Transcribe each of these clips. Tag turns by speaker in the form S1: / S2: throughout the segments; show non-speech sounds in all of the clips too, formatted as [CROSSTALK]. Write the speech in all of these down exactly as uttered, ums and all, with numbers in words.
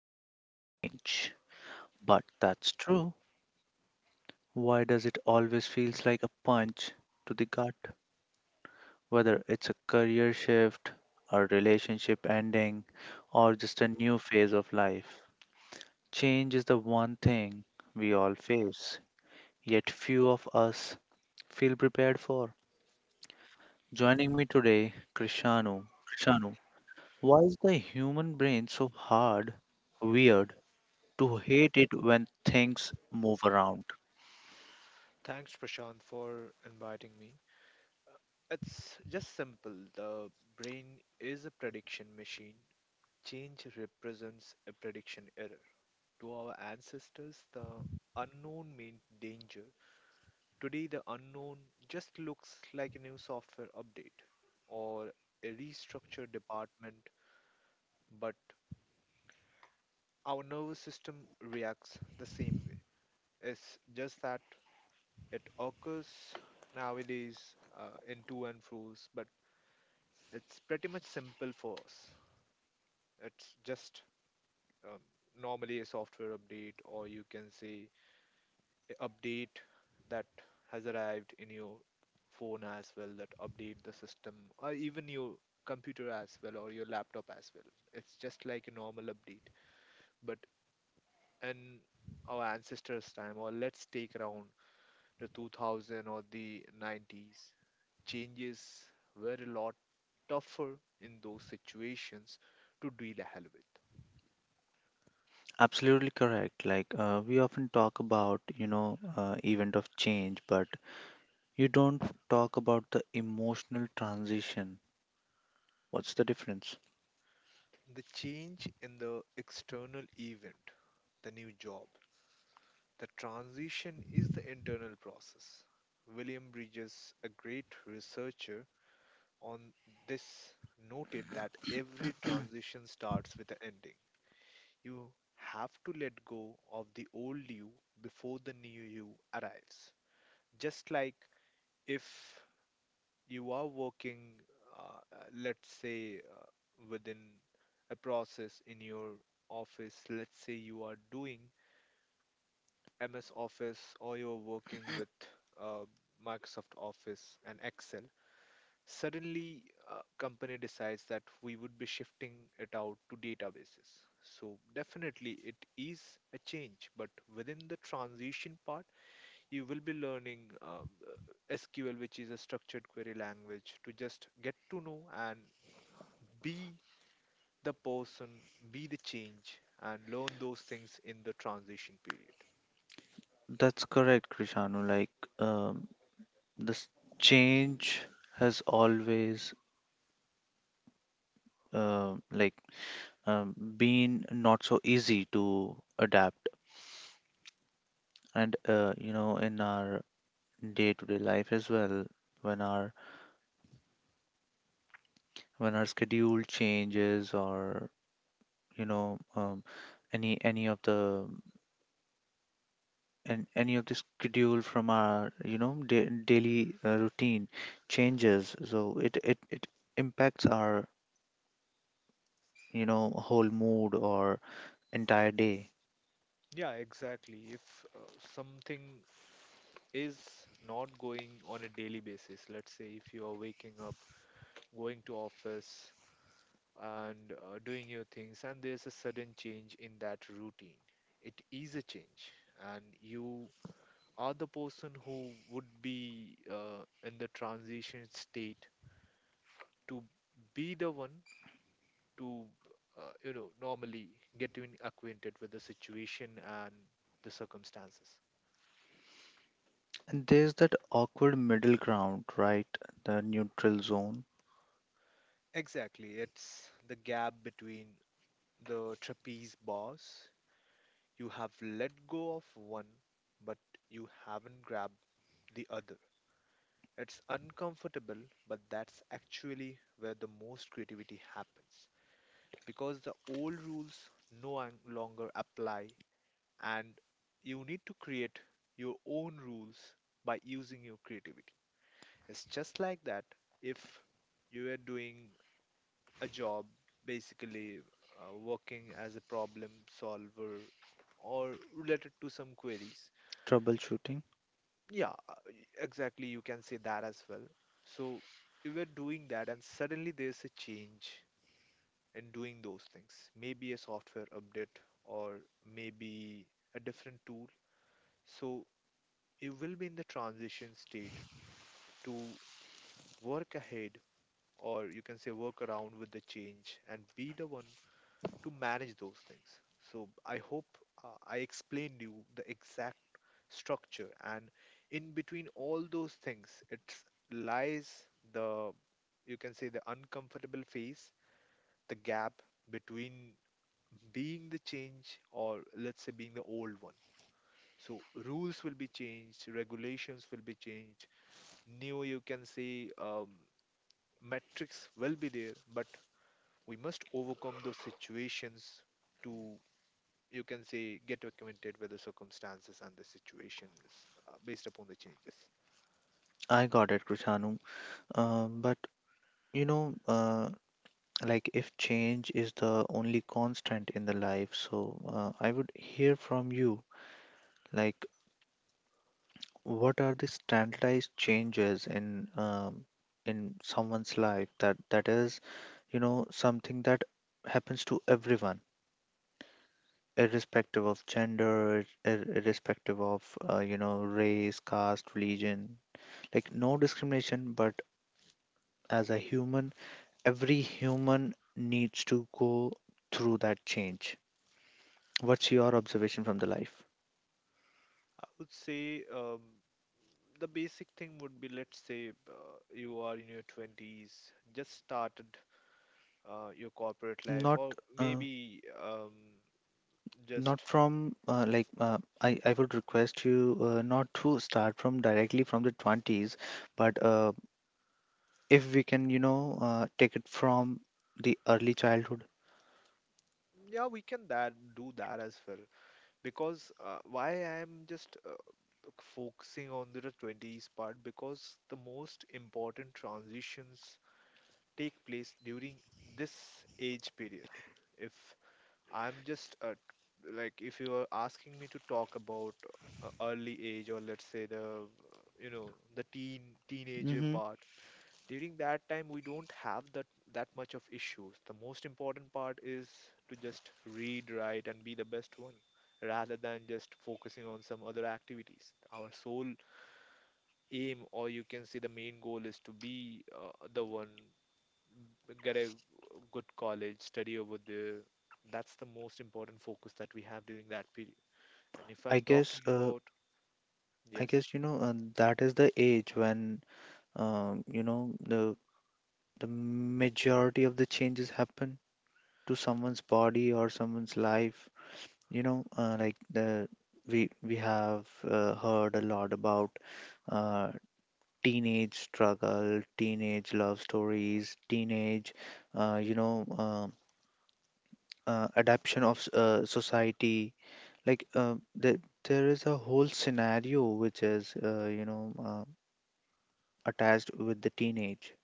S1: life is change. But that's true. Why does it always feels like a punch to the gut? Whether it's a career shift, a relationship ending, or just a new phase of life. Change is the one thing we all face, yet few of us feel prepared for. Joining me today, Krishanu. Krishanu, why is the human brain so hard, weird, to hate it when things move around?
S2: Thanks, Prashant, for inviting me. It's just simple. The brain is a prediction machine. Change represents a prediction error. To our ancestors, the unknown meant danger. Today, the unknown just looks like a new software update or a restructured department, but our nervous system reacts the same way. It's just that it occurs nowadays uh, in to and fro's, but it's pretty much simple for us. It's just um, normally a software update, or you can say a update that has arrived in your phone as well that update the system, or even your computer as well, or your laptop as well. It's just like a normal update. But in our ancestors' time, or let's take around the two thousand or the nineties, changes were a lot tougher in those situations to deal hell with.
S1: Absolutely correct. Like uh, we often talk about, you know, uh, event of change, but you don't talk about the emotional transition. What's the difference?
S2: The change in the external event, the new job, the transition is the internal process. William Bridges, a great researcher on this, noted that every transition starts with an ending. You have to let go of the old you before the new you arrives. Just like if you are working, uh, uh, let's say, uh, within a process in your office, let's say you are doing M S Office or you're working with uh, Microsoft Office and Excel, suddenly a company decides that we would be shifting it out to databases. So definitely it is a change, but within the transition part, you will be learning um, uh, S Q L, which is a structured query language, to just get to know and be the person, be the change, and learn those things in the transition period.
S1: That's correct, Krishanu. Like um, this change has always uh, like um, been not so easy to adapt, and uh, you know, in our day-to-day life as well when our when our schedule changes, or you know um, any any of the and any of the schedule from our, you know, da- daily uh, routine changes. So it, it it impacts our, you know, whole mood or entire day.
S2: Yeah, exactly. If uh, something is not going on a daily basis, let's say if you are waking up, going to office, and uh, doing your things, and there's a sudden change in that routine, it is a change, and you are the person who would be uh, in the transition state to be the one to uh, you know normally get in acquainted with the situation and the circumstances.
S1: And there's that awkward middle ground, right? The neutral zone.
S2: Exactly, it's the gap between the trapeze bars. You have let go of one but you haven't grabbed the other. It's uncomfortable, but that's actually where the most creativity happens, because the old rules no un- longer apply and you need to create your own rules by using your creativity. It's just like that if you are doing a job, basically uh, working as a problem solver or related to some queries.
S1: Troubleshooting.
S2: Yeah, uh, y- exactly, you can say that as well. So you were doing that, and suddenly there's a change in doing those things. Maybe a software update or maybe a different tool. So you will be in the transition state to work ahead, or you can say work around with the change and be the one to manage those things. So I hope uh, I explained you the exact structure, and in between all those things it lies the, you can say, the uncomfortable phase, the gap between being the change or let's say being the old one. So rules will be changed, regulations will be changed, new you can say um, metrics will be there, but we must overcome those situations to, you can say, get acquainted with the circumstances and the situations uh, based upon the changes.
S1: I got it, Krishanu. um, but you know uh, like if change is the only constant in the life, so uh, I would hear from you, like what are the standardized changes in um, in someone's life that that is, you know, something that happens to everyone irrespective of gender, ir- irrespective of uh, you know, race, caste, religion, like no discrimination, but as a human, every human needs to go through that change. What's your observation from the life?
S2: I would say, um, the basic thing would be, let's say uh, you are in your twenties, just started uh, your corporate life,
S1: Not,
S2: or
S1: uh,
S2: maybe um,
S1: not
S2: just...
S1: from uh, like uh, I, I would request you uh, not to start from directly from the twenties, but uh, if we can, you know, uh, take it from the early childhood.
S2: Yeah, we can that do that as well, because uh, why I am just uh, focusing on the twenties part, because the most important transitions take place during this age period. If I'm just uh, like if you are asking me to talk about uh, early age, or let's say the uh, you know the teen teenager
S1: Mm-hmm.
S2: part, during that time we don't have that that much of issues. The most important part is to just read, write, and be the best one rather than just focusing on some other activities. Our sole aim, or you can say the main goal, is to be uh, the one get a good college, study over there. That's the most important focus that we have during that period. And if
S1: I
S2: I'm talking
S1: guess, uh,
S2: about...
S1: I
S2: Yes.
S1: guess you know uh, that is the age when um, you know, the the majority of the changes happen to someone's body or someone's life. You know, uh, like the we we have uh, heard a lot about uh, teenage struggle, teenage love stories, teenage, uh, you know, um uh, adaption of s- uh, society. Like uh, the, there is a whole scenario which is, uh, you know, uh, attached with the teenage.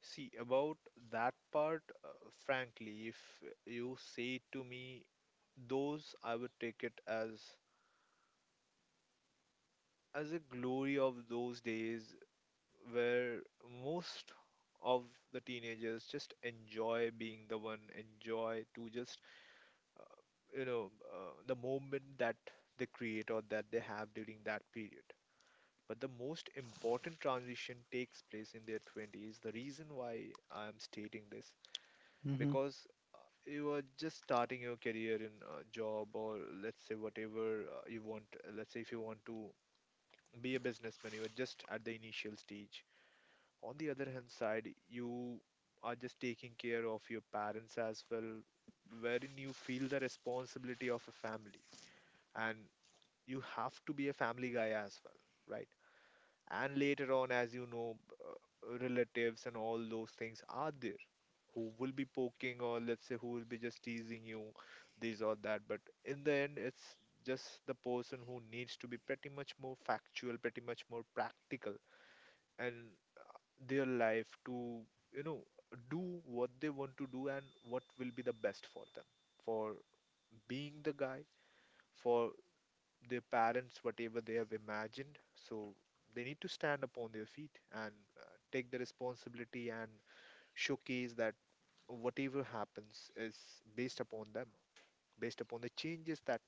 S2: See, about that part, uh, frankly, if you say to me those, I would take it as as a glory of those days where most of the teenagers just enjoy being the one, enjoy to just uh, you know uh, the moment that they create or that they have during that period. But the most important transition takes place in their twenties. The reason why I am stating this,
S1: Mm-hmm.
S2: because uh, you are just starting your career in a job, or let's say whatever uh, you want, uh, let's say if you want to be a businessman, you are just at the initial stage. On the other hand side, you are just taking care of your parents as well, wherein you feel the responsibility of a family, and you have to be a family guy as well, right? And later on, as you know, uh, relatives and all those things are there who will be poking, or let's say who will be just teasing you, this or that. But in the end, it's just the person who needs to be pretty much more factual, pretty much more practical, and their life to, you know, do what they want to do and what will be the best for them. For being the guy, for their parents whatever they have imagined, so they need to stand upon their feet and uh, take the responsibility and showcase that whatever happens is based upon them, based upon the changes that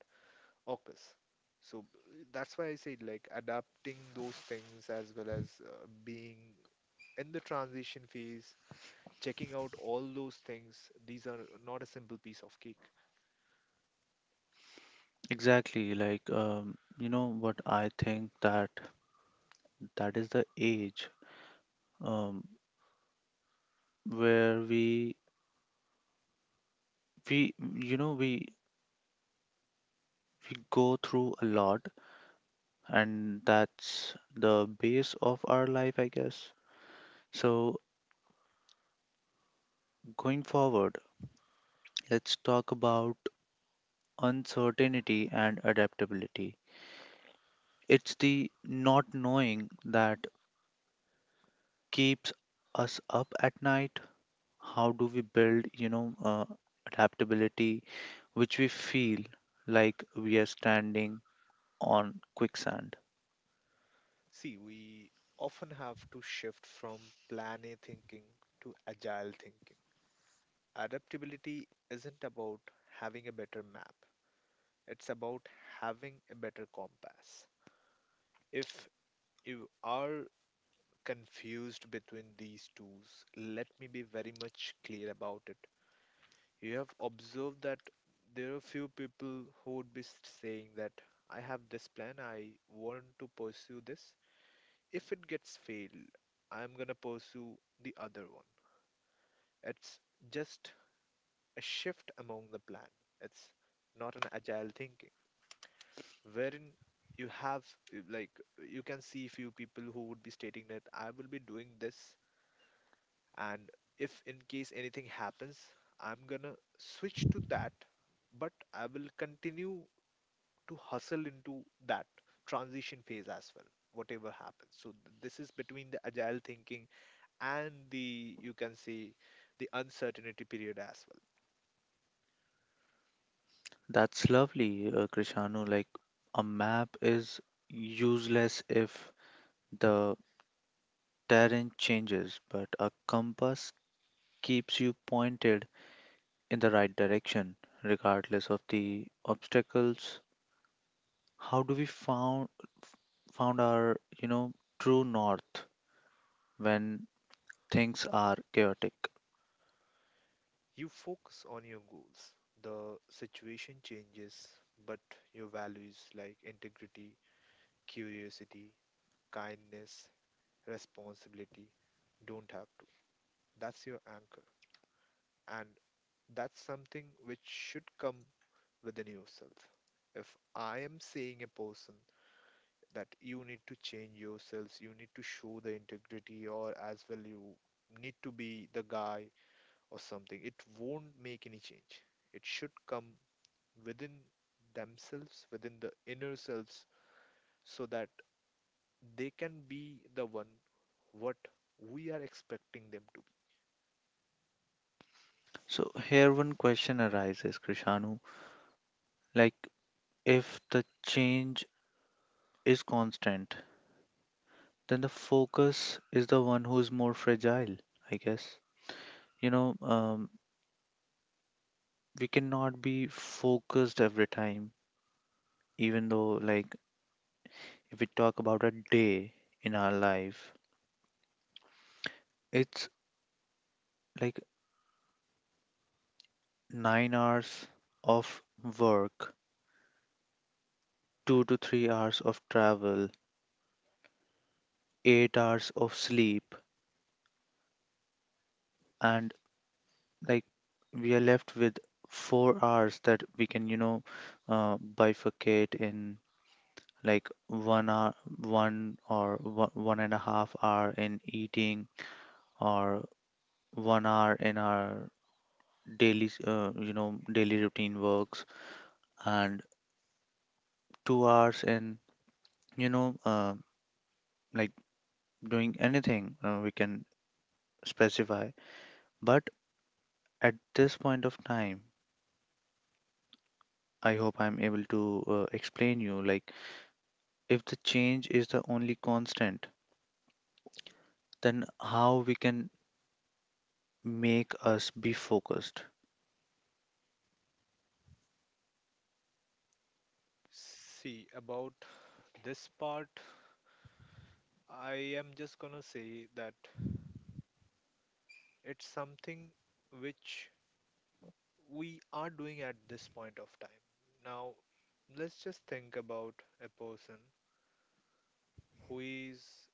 S2: occurs. So uh, that's why I said like adapting those things, as well as uh, being in the transition phase, checking out all those things. These are not a simple piece of cake.
S1: Exactly. Like, um, you know what I think that that is the age um, where we we you know, we we go through a lot, and that's the base of our life, I guess. So going forward, let's talk about uncertainty and adaptability. It's the not knowing that keeps us up at night. How do we build, you know uh, adaptability, which we feel like we are standing on quicksand?
S2: See, we often have to shift from plan A thinking to agile thinking. Adaptability isn't about having a better map, it's about having a better compass. If you are confused between these tools, let me be very much clear about it. You have observed that there are few people who would be s- saying that I have this plan, I want to pursue this, if it gets failed, I'm gonna pursue the other one. It's just a shift among the plan. It's not an agile thinking wherein you have uh, like you can see few people who would be stating that I will be doing this, and if in case anything happens, I'm gonna switch to that, but I will continue to hustle into that transition phase as well, whatever happens. So th- this is between the agile thinking and the, you can see, the uncertainty period as well.
S1: That's lovely, uh, Krishanu. Like a map is useless if the terrain changes, but a compass keeps you pointed in the right direction regardless of the obstacles. How do we found found our, you know, true north when things are chaotic?
S2: You focus on your goals. The situation changes, but your values like integrity, curiosity, kindness, responsibility don't have to. That's your anchor. And that's something which should come within yourself. If I am saying a person that you need to change yourselves, you need to show the integrity, or as well, you need to be the guy or something, it won't make any change. It should come within themselves, within the inner selves, so that they can be the one what we are expecting them to be.
S1: So here one question arises, Krishanu. Like if the change is constant, then the focus is the one who's more fragile, I guess. You know, um, we cannot be focused every time, even though, like, if we talk about a day in our life, it's like nine hours of work, two to three hours of travel, eight hours of sleep, and like we are left with four hours that we can, you know, uh, bifurcate in like one hour, one or one, one and a half hour in eating, or one hour in our daily, s- uh, you know, daily routine works, and two hours in, you know, uh, like doing anything, uh, we can specify. But at this point of time, I hope I'm able to uh, explain you, like if the change is the only constant, then how we can make us be focused.
S2: See, about this part, I am just gonna say that it's something which we are doing at this point of time. Now, let's just think about a person who is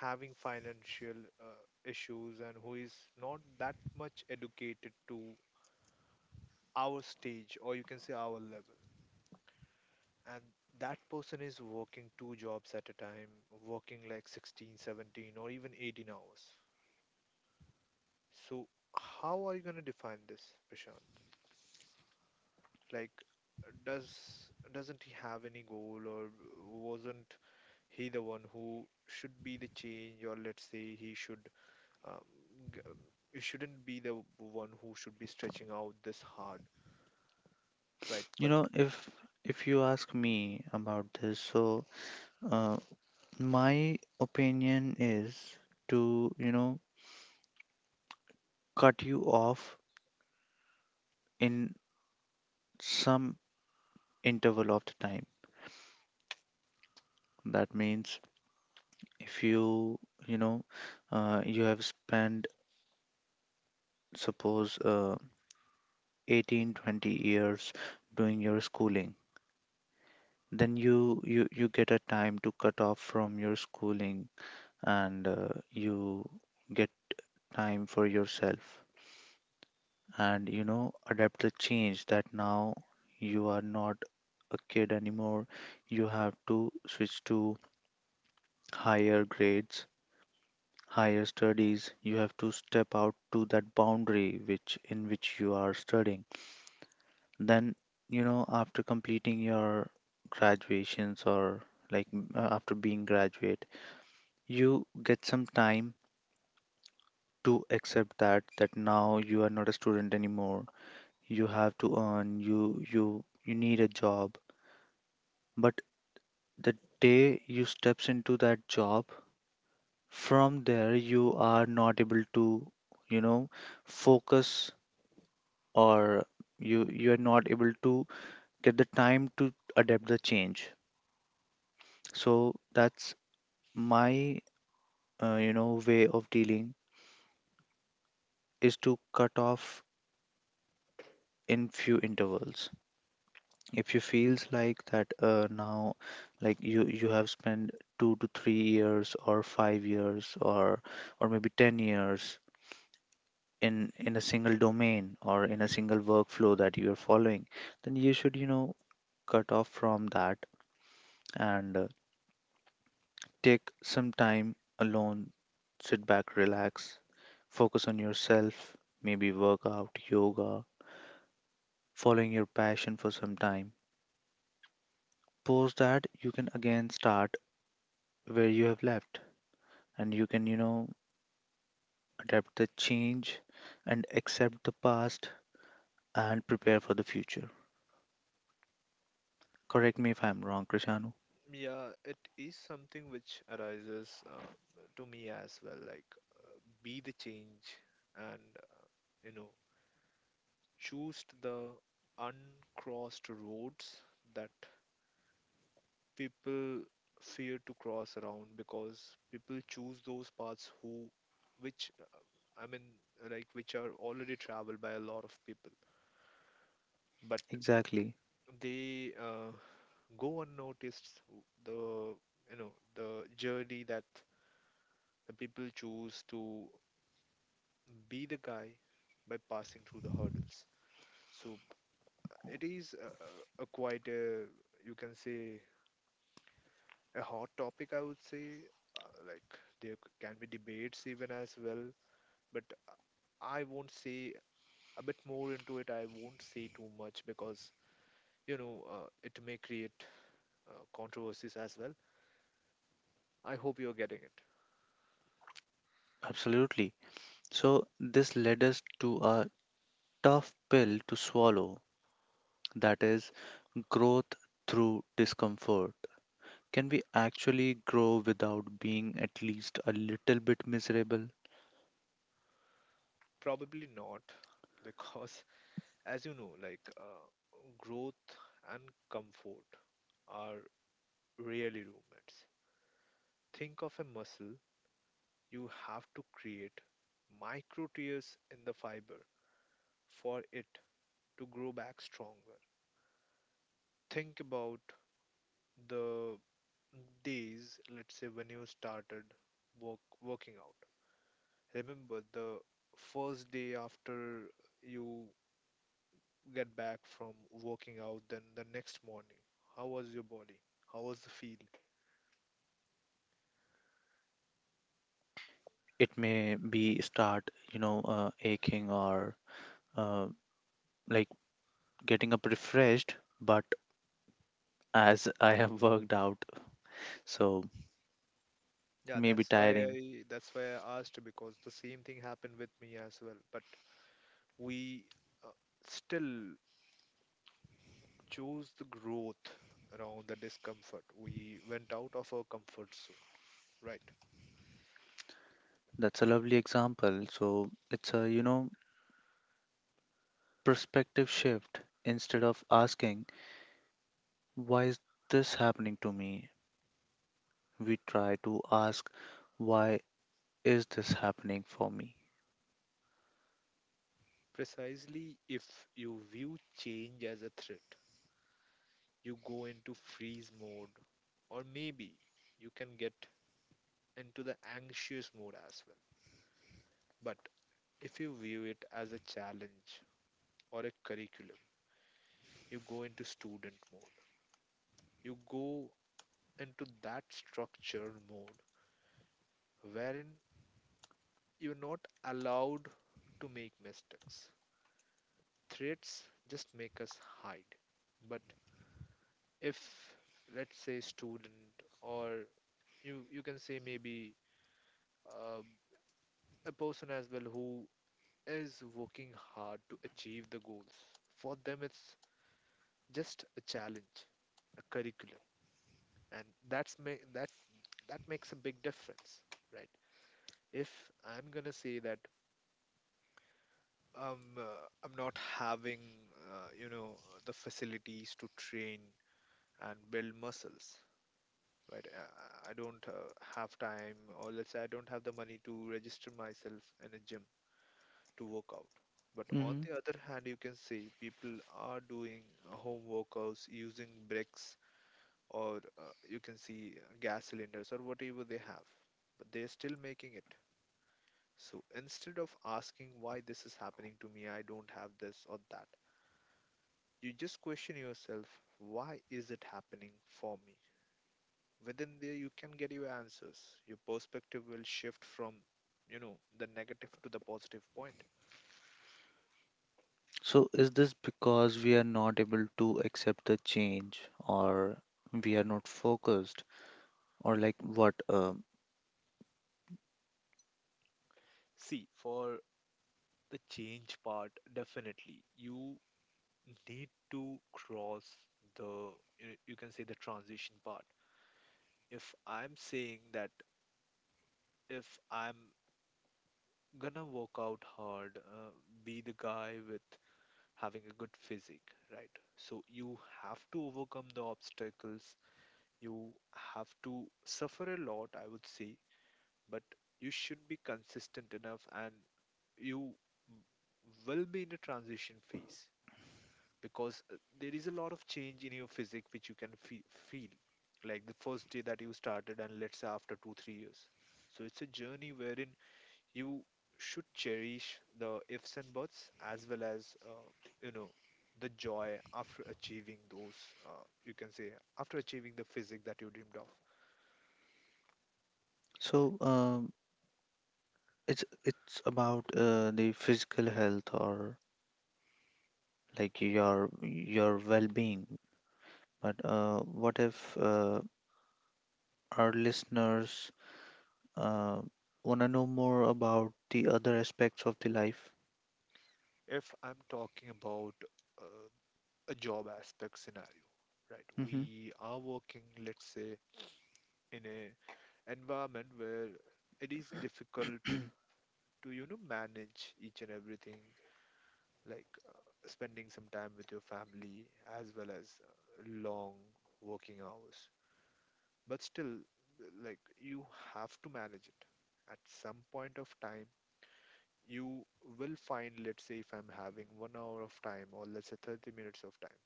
S2: having financial uh, issues and who is not that much educated to our stage, or you can say our level, and that person is working two jobs at a time, working like sixteen, seventeen, or even eighteen hours. So how are you going to define this, Prashant? Like does doesn't he have any goal, or wasn't he the one who should be the change, or let's say he should um, g- you shouldn't be the one who should be stretching out this hard, right?
S1: You
S2: But
S1: know, if if you ask me about this, so uh, my opinion is to, you know, cut you off in some interval of the time. That means if you, you know, uh, you have spent, suppose, uh, eighteen, twenty years doing your schooling, then you you you get a time to cut off from your schooling, and uh, you get time for yourself, and you know, adapt the change that now you are not a kid anymore. You have to switch to higher grades, higher studies. You have to step out to that boundary which in which you are studying. Then, you know, after completing your graduations, or like m- uh, after being graduate, you get some time to accept that that now you are not a student anymore. You have to earn, you you you need a job. But the day you steps into that job, from there you are not able to, you know, focus, or you you are not able to get the time to adapt the change. So that's my, uh, you know, way of dealing is to cut off in few intervals. If you feels like that, uh, now, like you you have spent two to three years or five years, or or maybe ten years in in a single domain or in a single workflow that you're following, then you should, you know, cut off from that, and uh, take some time alone, sit back, relax, focus on yourself, maybe workout, yoga, following your passion for some time. Post that, you can again start where you have left, and you can, you know, adapt the change and accept the past and prepare for the future. Correct me if I'm wrong, Krishanu.
S2: yeah, it is something which arises uh, to me as well. Like, uh, be the change, and uh, you know, choose the uncrossed roads that people fear to cross around, because people choose those paths who, which, I mean, like, which are already traveled by a lot of people. But
S1: Exactly.
S2: they uh, go unnoticed, the you know the journey that the people choose to be the guy by passing through the hurdles. So it is a, a a quite a, you can say, a hot topic, I would say, uh, like there c- can be debates even as well. But I won't say a bit more into it, I won't say too much because you know uh, it may create uh, controversies as well. I hope you're getting it.
S1: Absolutely. So this led us to a tough pill to swallow, that is growth through discomfort. Can we actually grow without being at least a little bit miserable?
S2: Probably not. [LAUGHS] Because as you know, like uh, growth and comfort are really roommates. Think of a muscle, you have to create micro tears in the fiber for it to grow back stronger. Think about the days, let's say when you started work, working out. Remember the first day after you get back from working out, then the next morning. How was your body? How was the feel?
S1: It may be start, you know, uh, aching, or uh, like getting up refreshed, but as I have [LAUGHS] worked out, so
S2: Yeah,
S1: maybe
S2: that's why
S1: tiring.
S2: I that's why I asked because the same thing happened with me as well. But we uh, still chose the growth around the discomfort. We went out of our comfort zone, right?
S1: That's a lovely example. So it's a, you know, perspective shift instead of asking, why is this happening to me? We try to ask, why is this happening for me?
S2: Precisely, if you view change as a threat, you go into freeze mode, or maybe you can get into the anxious mode as well. But if you view it as a challenge or a curriculum, you go into student mode. You go into that structured mode wherein you're not allowed to make mistakes. Threats just make us hide. But if, let's say, student, or you you can say maybe uh, a person as well who is working hard to achieve the goals, for them it's just a challenge, a curriculum, and that's ma- that that makes a big difference, right? If I'm gonna say that um, uh, I'm not having, uh, you know, the facilities to train and build muscles, right? I, I I don't uh, have time, or let's say I don't have the money to register myself in a gym to work out. But on
S1: Hmm.
S2: the other hand, you can see people are doing uh, home workouts using bricks, or uh, you can see uh, gas cylinders or whatever they have, but they're still making it. So instead of asking why this is happening to me, I don't have this or that, you just question yourself, why is it happening for me? Within there you can get your answers. Your perspective will shift from, you know, the negative to the positive point.
S1: So is this because we are not able to accept the change, or we are not focused, or like what? Um,
S2: See, for the change part, definitely you need to cross the, you you can say, the transition part. If I'm saying that if I'm gonna work out hard, uh, be the guy with having a good physique, right? So you have to overcome the obstacles, you have to suffer a lot, I would say, but you should be consistent enough and you w- will be in a transition phase because uh, there is a lot of change in your physique which you can fe- feel, like the first day that you started and let's say after two three years. So it's a journey wherein you should cherish the ifs and buts, as well as uh, you know the joy after achieving those, uh, you can say, after achieving the physique that you dreamed of.
S1: so, um, it's it's about uh, the physical health, or like your your well-being. But uh, what if uh, our listeners uh, want to know more about the other aspects of the life?
S2: If I'm talking about uh, a job aspect scenario, right,
S1: Hmm.
S2: we are working, let's say, in a environment where it is difficult to, you know, manage each and everything, like uh, spending some time with your family as well as uh, long working hours. But still, like, you have to manage it. At some point of time, you will find, let's say, if I'm having one hour of time or let's say thirty minutes of time,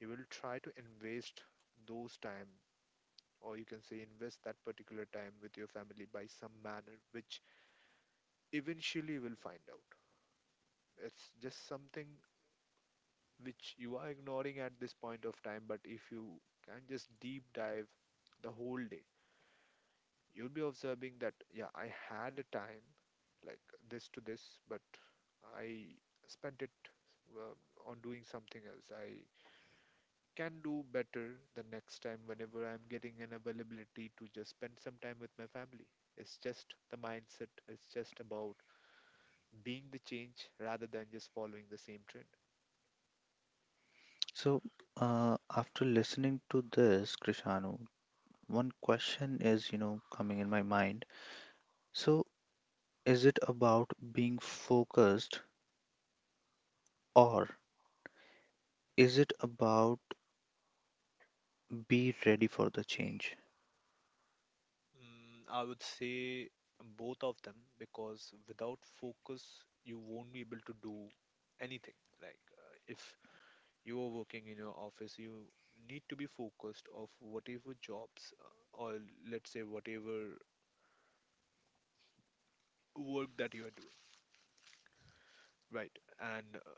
S2: you will try to invest those time, or you can say invest that particular time with your family by some manner, which eventually will find out. It's just something which you are ignoring at this point of time, but if you can just deep dive the whole day, you'll be observing that, yeah, I had a time like this to this, but I spent it uh, on doing something else. I can do better the next time whenever I'm getting an availability to just spend some time with my family. It's just the mindset. It's just about being the change rather than just following the same trend.
S1: So, uh, after listening to this, Krishanu, one question is, you know, coming in my mind. So is it about being focused, or is it about be ready for the change?
S2: Mm, I would say both of them because without focus, you won't be able to do anything. Like, uh, if you are working in your office, you need to be focused of whatever jobs uh, or let's say whatever work that you are doing, right? And uh,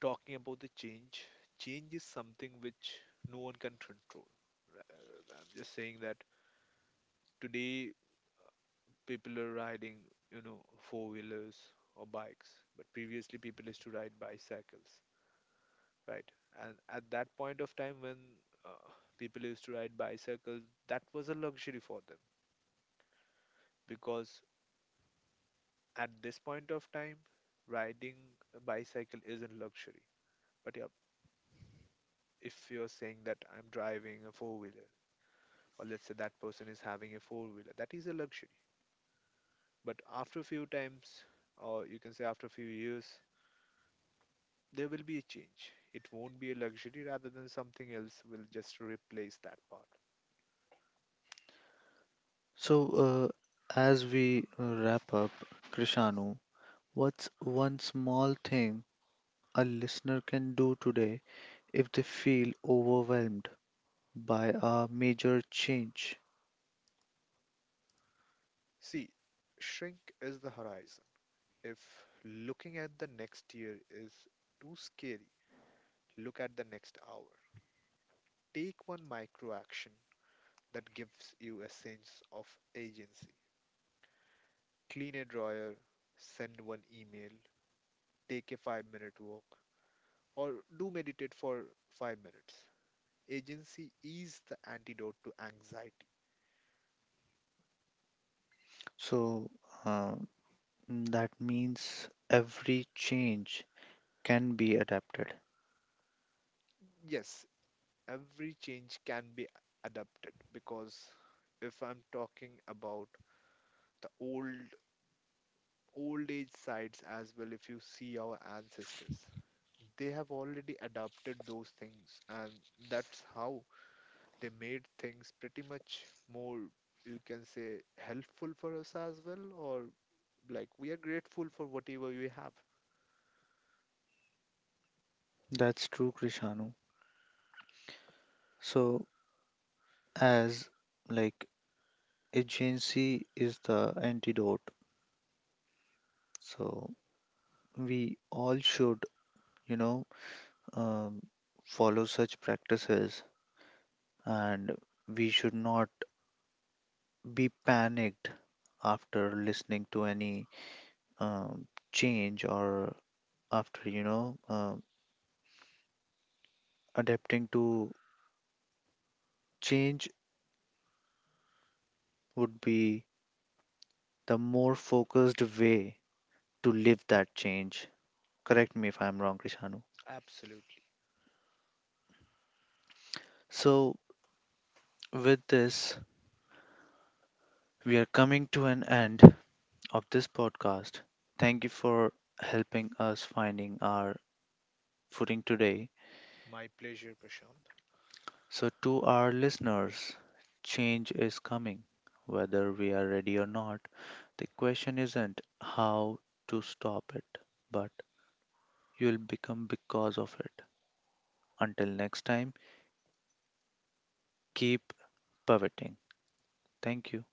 S2: talking about the change, change is something which no one can control. uh, I'm just saying that today people are riding, you know, four wheelers or bikes, but previously people used to ride bicycles, right? And at that point of time when uh, people used to ride bicycles, that was a luxury for them. Because at this point of time, riding a bicycle isn't luxury. But yeah, if you're saying that I'm driving a four wheeler, or let's say that person is having a four wheeler, that is a luxury. But after a few times, or you can say after a few years, there will be a change. It won't be a luxury, rather than something else will just replace that part.
S1: So, uh, as we, uh, wrap up, Krishanu, what's one small thing a listener can do today if they feel overwhelmed by a major change?
S2: See, shrink is the horizon. If looking at the next year is too scary, look at the next hour. Take one micro action that gives you a sense of agency. Clean a drawer, send one email, take a five minute walk, or do meditate for five minutes. Agency is the antidote to anxiety.
S1: So, uh, Mm, that means every change can be adapted.
S2: Yes, every change can be adapted, because if I'm talking about the old old age sites as well, if you see our ancestors, they have already adapted those things, and that's how they made things pretty much more, you can say, helpful for us as well, or like we are grateful for whatever we have.
S1: That's true, Krishanu. So as, like, agency is the antidote, so we all should, you know, um, follow such practices, and we should not be panicked after listening to any, um, change, or after, you know, um, adapting to change would be the more focused way to live that change. Correct me if I'm wrong, Krishanu.
S2: Absolutely.
S1: So with this, we are coming to an end of this podcast. Thank you for helping us finding our footing today.
S2: My pleasure, Prashant.
S1: So to our listeners, change is coming, whether we are ready or not. The question isn't how to stop it, but you'll become because of it. Until next time, keep pivoting. Thank you.